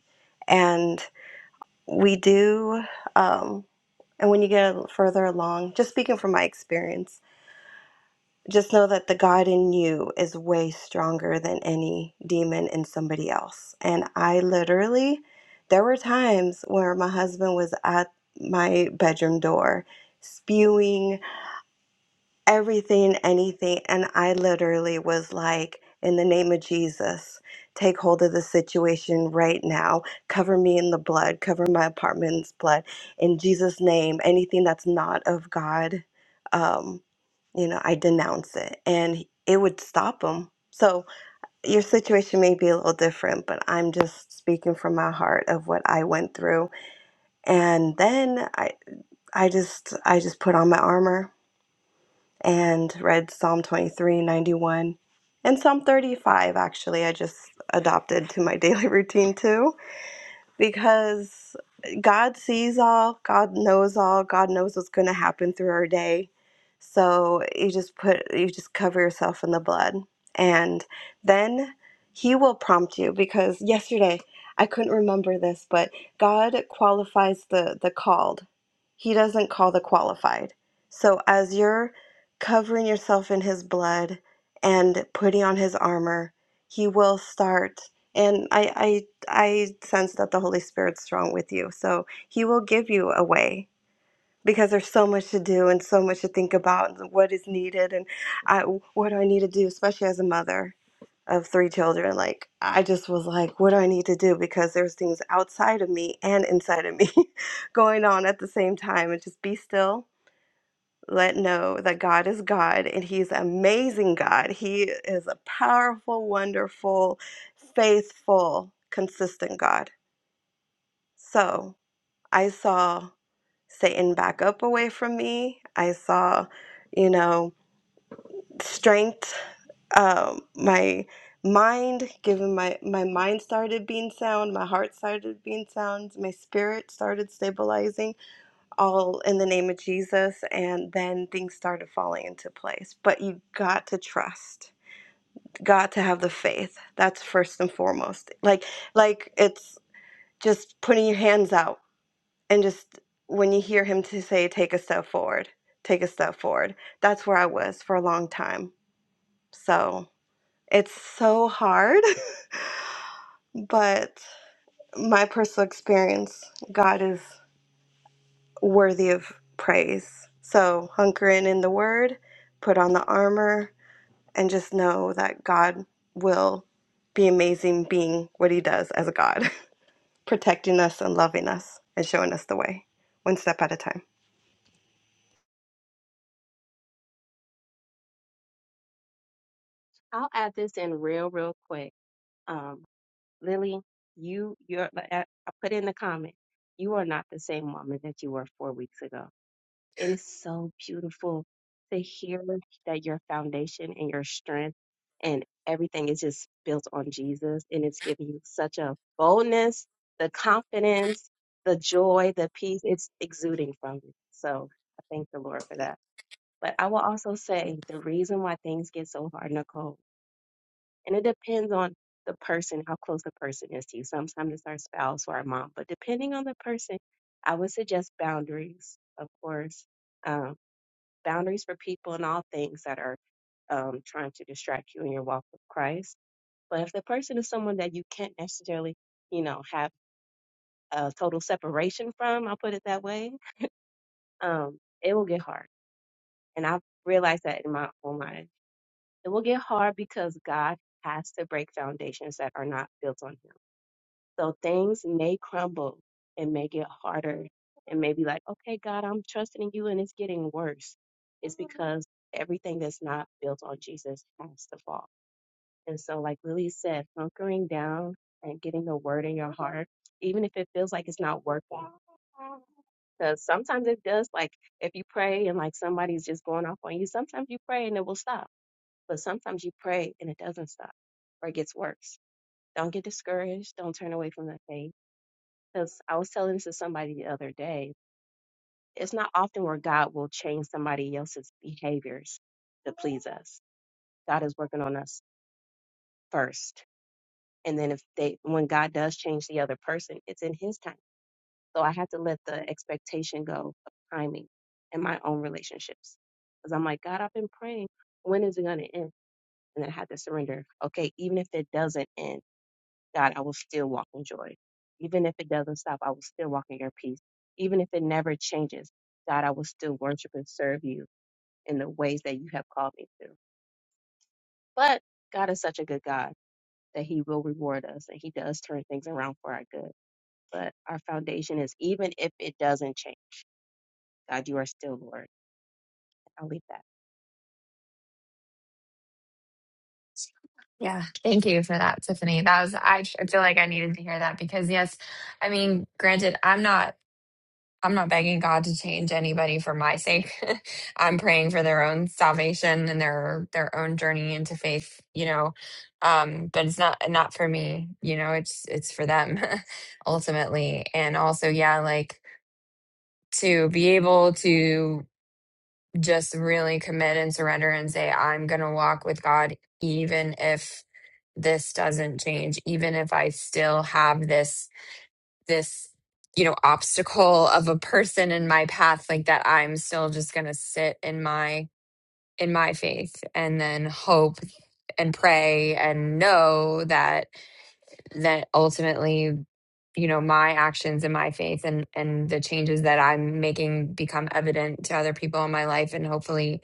I: And we do. Um, And when you get further along, just speaking from my experience, just know that the God in you is way stronger than any demon in somebody else. And I literally, there were times where my husband was at my bedroom door spewing everything, anything. And I literally was like, in the name of Jesus, take hold of the situation right now. Cover me in the blood, cover my apartment's blood. In Jesus' name, anything that's not of God, um, you know, I denounce it. And it would stop them. So your situation may be a little different, but I'm just speaking from my heart of what I went through. And then I, I just, I just put on my armor and read Psalm 23, 91, and Psalm 35, actually, I just adopted to my daily routine too because God sees all, God knows all, God knows what's going to happen through our day. So you just put you just cover yourself in the blood and then he will prompt you because yesterday I couldn't remember this, but God qualifies the the called. He doesn't call the qualified. So as you're covering yourself in his blood and putting on his armor, he will start and I I. I sense that the Holy Spirit's strong with you. So he will give you a way because there's so much to do and so much to think about and what is needed and I, what do I need to do, especially as a mother of three children. Like, I just was like, what do I need to do? Because there's things outside of me and inside of me going on at the same time. And just be still. Let know that God is God and He's an amazing God. He is a powerful, wonderful, faithful, consistent God so I saw Satan back up away from me. I saw, you know, strength, um, my mind, given my, my mind started being sound, my heart started being sound, my spirit started stabilizing, all in the name of Jesus. And then things started falling into place. But you got to trust. Got to have the faith. That's first and foremost. Like, like it's just putting your hands out and just when you hear him to say take a step forward take a step forward that's where i was for a long time so it's so hard but my personal experience god is worthy of praise so hunker in in the word put on the armor and just know that god will be amazing being what he does as a god protecting us and loving us and showing us the way one step at a time
E: I'll add this in real, real quick. Um, Lily, you you're I I put in the comment, you are not the same woman that you were four weeks ago It is so beautiful to hear that your foundation and your strength and everything is just built on Jesus. And it's giving you such a boldness, the confidence, the joy, the peace. It's exuding from you. So I thank the Lord for that. But I will also say the reason why things get so hard, Nicole, and it depends on the person, how close the person is to you. Sometimes it's our spouse or our mom, but depending on the person, I would suggest boundaries, of course Um, boundaries for people and all things that are um, trying to distract you in your walk with Christ. But if the person is someone that you can't necessarily, you know, have a total separation from, I'll put it that way, um, it will get hard. And I've realized that in my own life. It will get hard because God has to break foundations that are not built on Him. So things may crumble and may get harder and may be like, okay, God, I'm trusting in you and it's getting worse. It's because everything that's not built on Jesus has to fall. And so, like Lily said, hunkering down and getting the word in your heart, even if it feels like it's not working. Because sometimes it does, like if you pray and like somebody's just going off on you, sometimes you pray and it will stop. But sometimes you pray and it doesn't stop or it gets worse. Don't get discouraged. Don't turn away from the faith because I was telling this to somebody the other day. It's not often where God will change somebody else's behaviors to please us. God is working on us first. And then if they when God does change the other person, it's in his time. So I had to let the expectation go of timing in my own relationships. Because I'm like, God, I've been praying. When is it gonna end? And I had to surrender. Okay, even if it doesn't end God, I will still walk in joy. Even if it doesn't stop, I will still walk in your peace. Even if it never changes, God, I will still worship and serve you in the ways that you have called me to. But God is such a good God that he will reward us and he does turn things around for our good. But our foundation is even if it doesn't change, God, you are still Lord. I'll leave that.
H: Yeah, thank you for that, Tiffany. That was I, tr- I feel like I needed to hear that because yes, I mean, granted, I'm not I'm not begging God to change anybody for my sake. I'm praying for their own salvation and their their own journey into faith, you know. Um, but it's not not for me, you know, it's it's for them ultimately. And also, yeah, like to be able to just really commit and surrender and say, I'm going to walk with God, even if this doesn't change, even if I still have this, this, you know, obstacle of a person in my path, like that, I'm still just going to sit in my, in my faith and then hope and pray and know that that ultimately you know my actions and my faith and and the changes that i'm making become evident to other people in my life and hopefully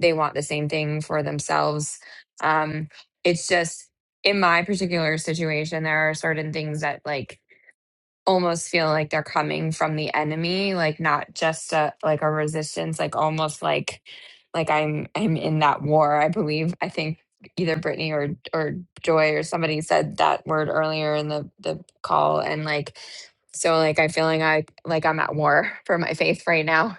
H: they want the same thing for themselves um it's just in my particular situation there are certain things that like almost feel like they're coming from the enemy like not just a like a resistance like almost like like i'm i'm in that war i believe i think either brittany or or joy or somebody said that word earlier in the the call and like so like i feel like i like i'm at war for my faith right now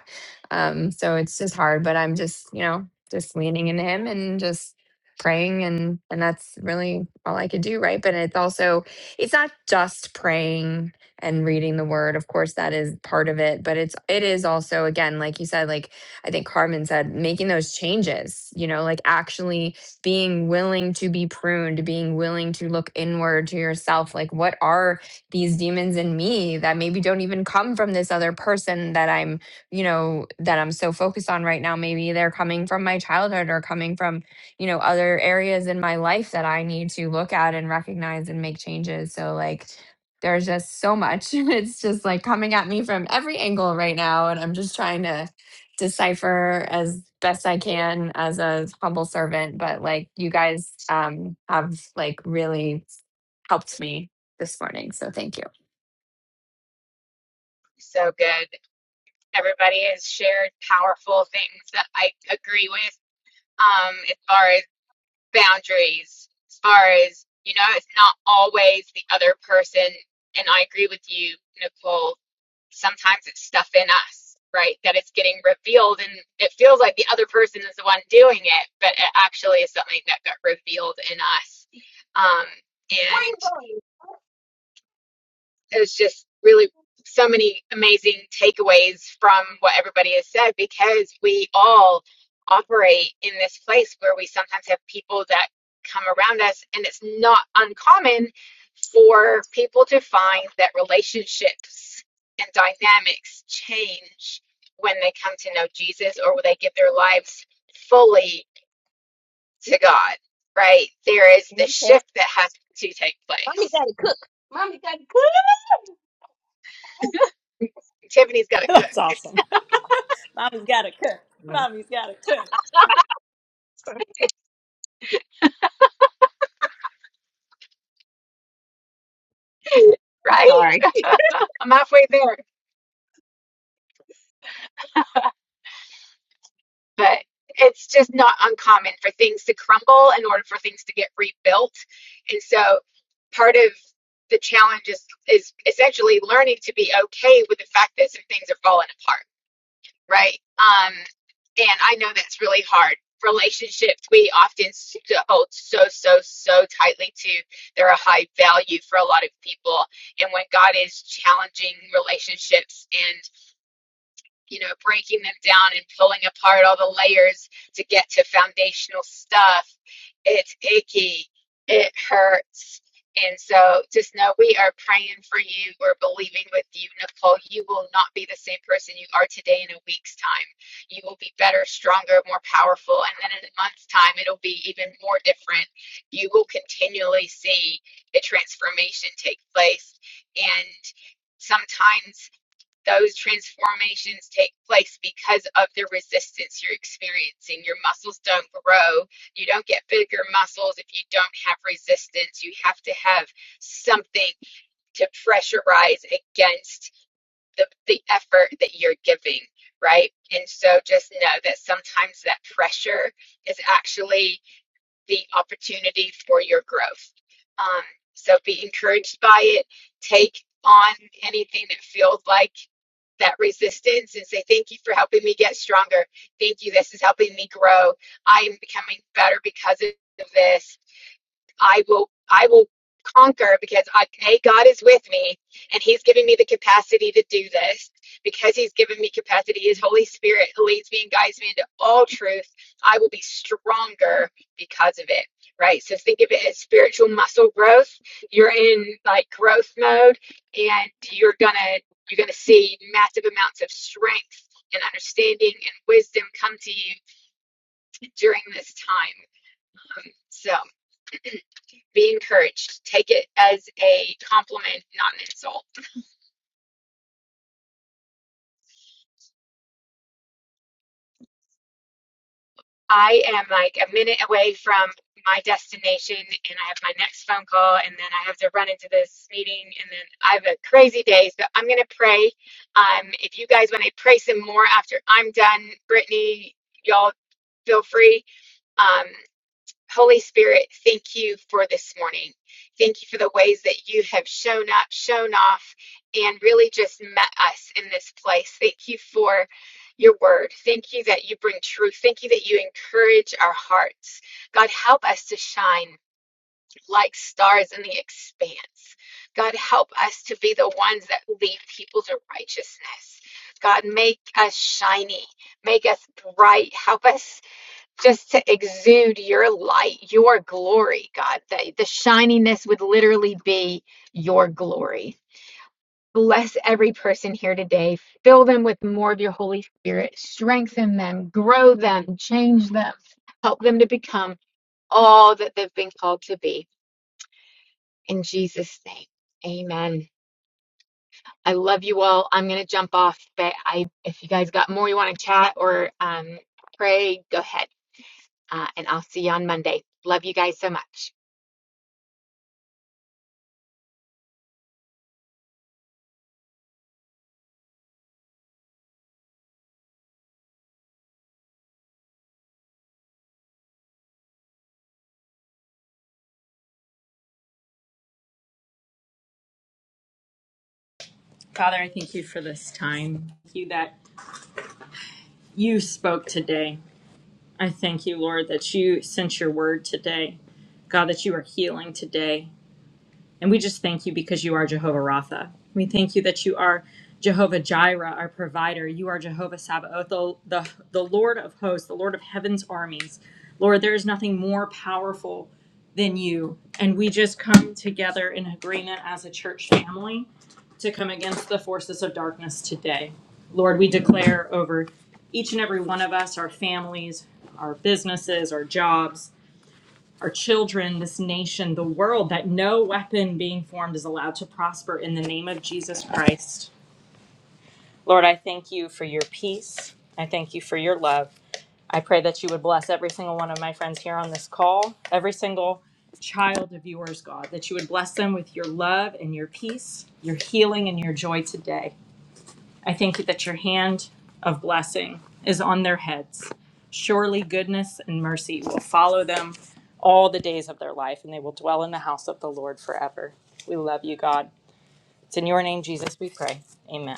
H: um so it's just hard but i'm just you know just leaning in him and just praying and and that's really all i could do right but it's also it's not just praying and reading the word. Of course, that is part of it, but it's it is also again, like you said, like I think Carmen said, making those changes, you know, like actually being willing to be pruned, being willing to look inward to yourself, like what are these demons in me that maybe don't even come from this other person that I'm, you know, that I'm so focused on right now. Maybe they're coming from my childhood or coming from, you know, other areas in my life that I need to look at and recognize and make changes. So like there's just so much. It's just like coming at me from every angle right now. And I'm just trying to decipher as best I can as a humble servant. But like you guys um, have like really helped me this morning. So thank you.
A: So good. Everybody has shared powerful things that I agree with. Um, as far as boundaries, as far as you know, it's not always the other person. And I agree with you, Nicole sometimes it's stuff in us, right? That it's getting revealed and it feels like the other person is the one doing it, but it actually is something that got revealed in us. Um,
E: Where you
A: and
E: going?
A: it was just really so many amazing takeaways from what everybody has said because we all operate in this place where we sometimes have people that come around us and it's not uncommon for people to find that relationships and dynamics change when they come to know Jesus or when they give their lives fully to God, right? There is the
E: Hey, Tess.
A: shift that has to take
E: Mommy
A: place.
E: got to cook. Mommy got to
A: Tiffany's got to cook,
D: That's awesome. Mommy's got to cook.
E: cook.
D: Mommy's got to cook.
E: I'm
A: right?
E: sorry.
A: I'm halfway there, but it's just not uncommon for things to crumble in order for things to get rebuilt. And so part of the challenge is, is essentially learning to be okay with the fact that some things are falling apart, right? Um, and I know that's really hard. Relationships we often hold so, so, so tightly to. They're a high value for a lot of people. And when God is challenging relationships and you know, breaking them down and pulling apart all the layers to get to foundational stuff. It's icky. It hurts. And so just know we are praying for you. We're believing with you, Nicole. You will not be the same person you are today in a week's time. You will be better, stronger, more powerful. And then in a month's time, it'll be even more different. You will continually see a transformation take place. And sometimes those transformations take place because of the resistance you're experiencing. Your muscles don't grow. You don't get bigger muscles if you don't have resistance. You have to have something to pressurize against the, the effort that you're giving, right? And so just know that sometimes that pressure is actually the opportunity for your growth. Um, so be encouraged by it. Take on anything that feels like that resistance and say, Thank you for helping me get stronger. Thank you. This is helping me grow. I am becoming better because of this. I will I will conquer because I, hey, God is with me and He's giving me the capacity to do this because He's given me capacity. His Holy Spirit leads me and guides me into all truth. I will be stronger because of it. Right. So think of it as spiritual muscle growth. You're in like growth mode and you're gonna you're gonna see massive amounts of strength and understanding and wisdom come to you during this time. Um, so be encouraged. Take it as a compliment, not an insult. I am like a minute away from my destination and I have my next phone call and then I have to run into this meeting and then I have a crazy day. So I'm going to pray. Um, if you guys want to pray some more after I'm done, Brittany, y'all feel free. Um, Holy Spirit, thank you for this morning. Thank you for the ways that you have shown up, shown off, and really just met us in this place. Thank you for your word. Thank you that you bring truth. Thank you that you encourage our hearts. God, help us to shine like stars in the expanse. God, help us to be the ones that lead people to righteousness. God, make us shiny, make us bright. Help us just to exude your light, your glory, God, that the shininess would literally be your glory. Bless every person here today. Fill them with more of your Holy Spirit. Strengthen them, grow them, change them. Help them to become all that they've been called to be. In Jesus' name, amen. I love you all. I'm going to jump off, but I, if you guys got more you want to chat or um, pray, go ahead. Uh, and I'll see you on Monday. Love you guys so much.
D: Father, I thank you for this time. Thank you that you spoke today. I thank you, Lord, that you sent your word today. God, that you are healing today. And we just thank you because you are Jehovah Rapha. We thank you that you are Jehovah Jireh, our provider. You are Jehovah Sabaoth, the, the, the Lord of hosts, the Lord of heaven's armies. Lord, there is nothing more powerful than you. And we just come together in agreement as a church family to come against the forces of darkness today. Lord, we declare over each and every one of us, our families, our businesses, our jobs, our children, this nation, the world, that no weapon being formed is allowed to prosper in the name of Jesus Christ. Lord, I thank you for your peace. I thank you for your love. I pray that you would bless every single one of my friends here on this call, every single child of yours, God, that you would bless them with your love and your peace, your healing and your joy today. I think that your hand of blessing is on their heads. Surely goodness and mercy will follow them all the days of their life, and they will dwell in the house of the Lord forever. We love you, God. It's in your name, Jesus, we pray. Amen.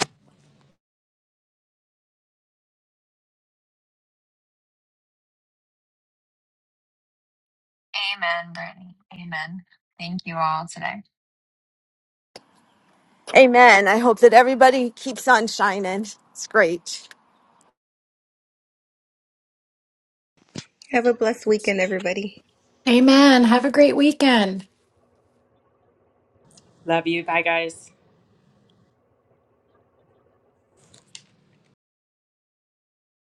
H: Amen, Brittany. Amen. Thank you all today.
J: Amen. I hope that everybody keeps on shining. It's great.
I: Have a blessed weekend, everybody.
K: Amen. Have a great weekend.
D: Love you. Bye, guys.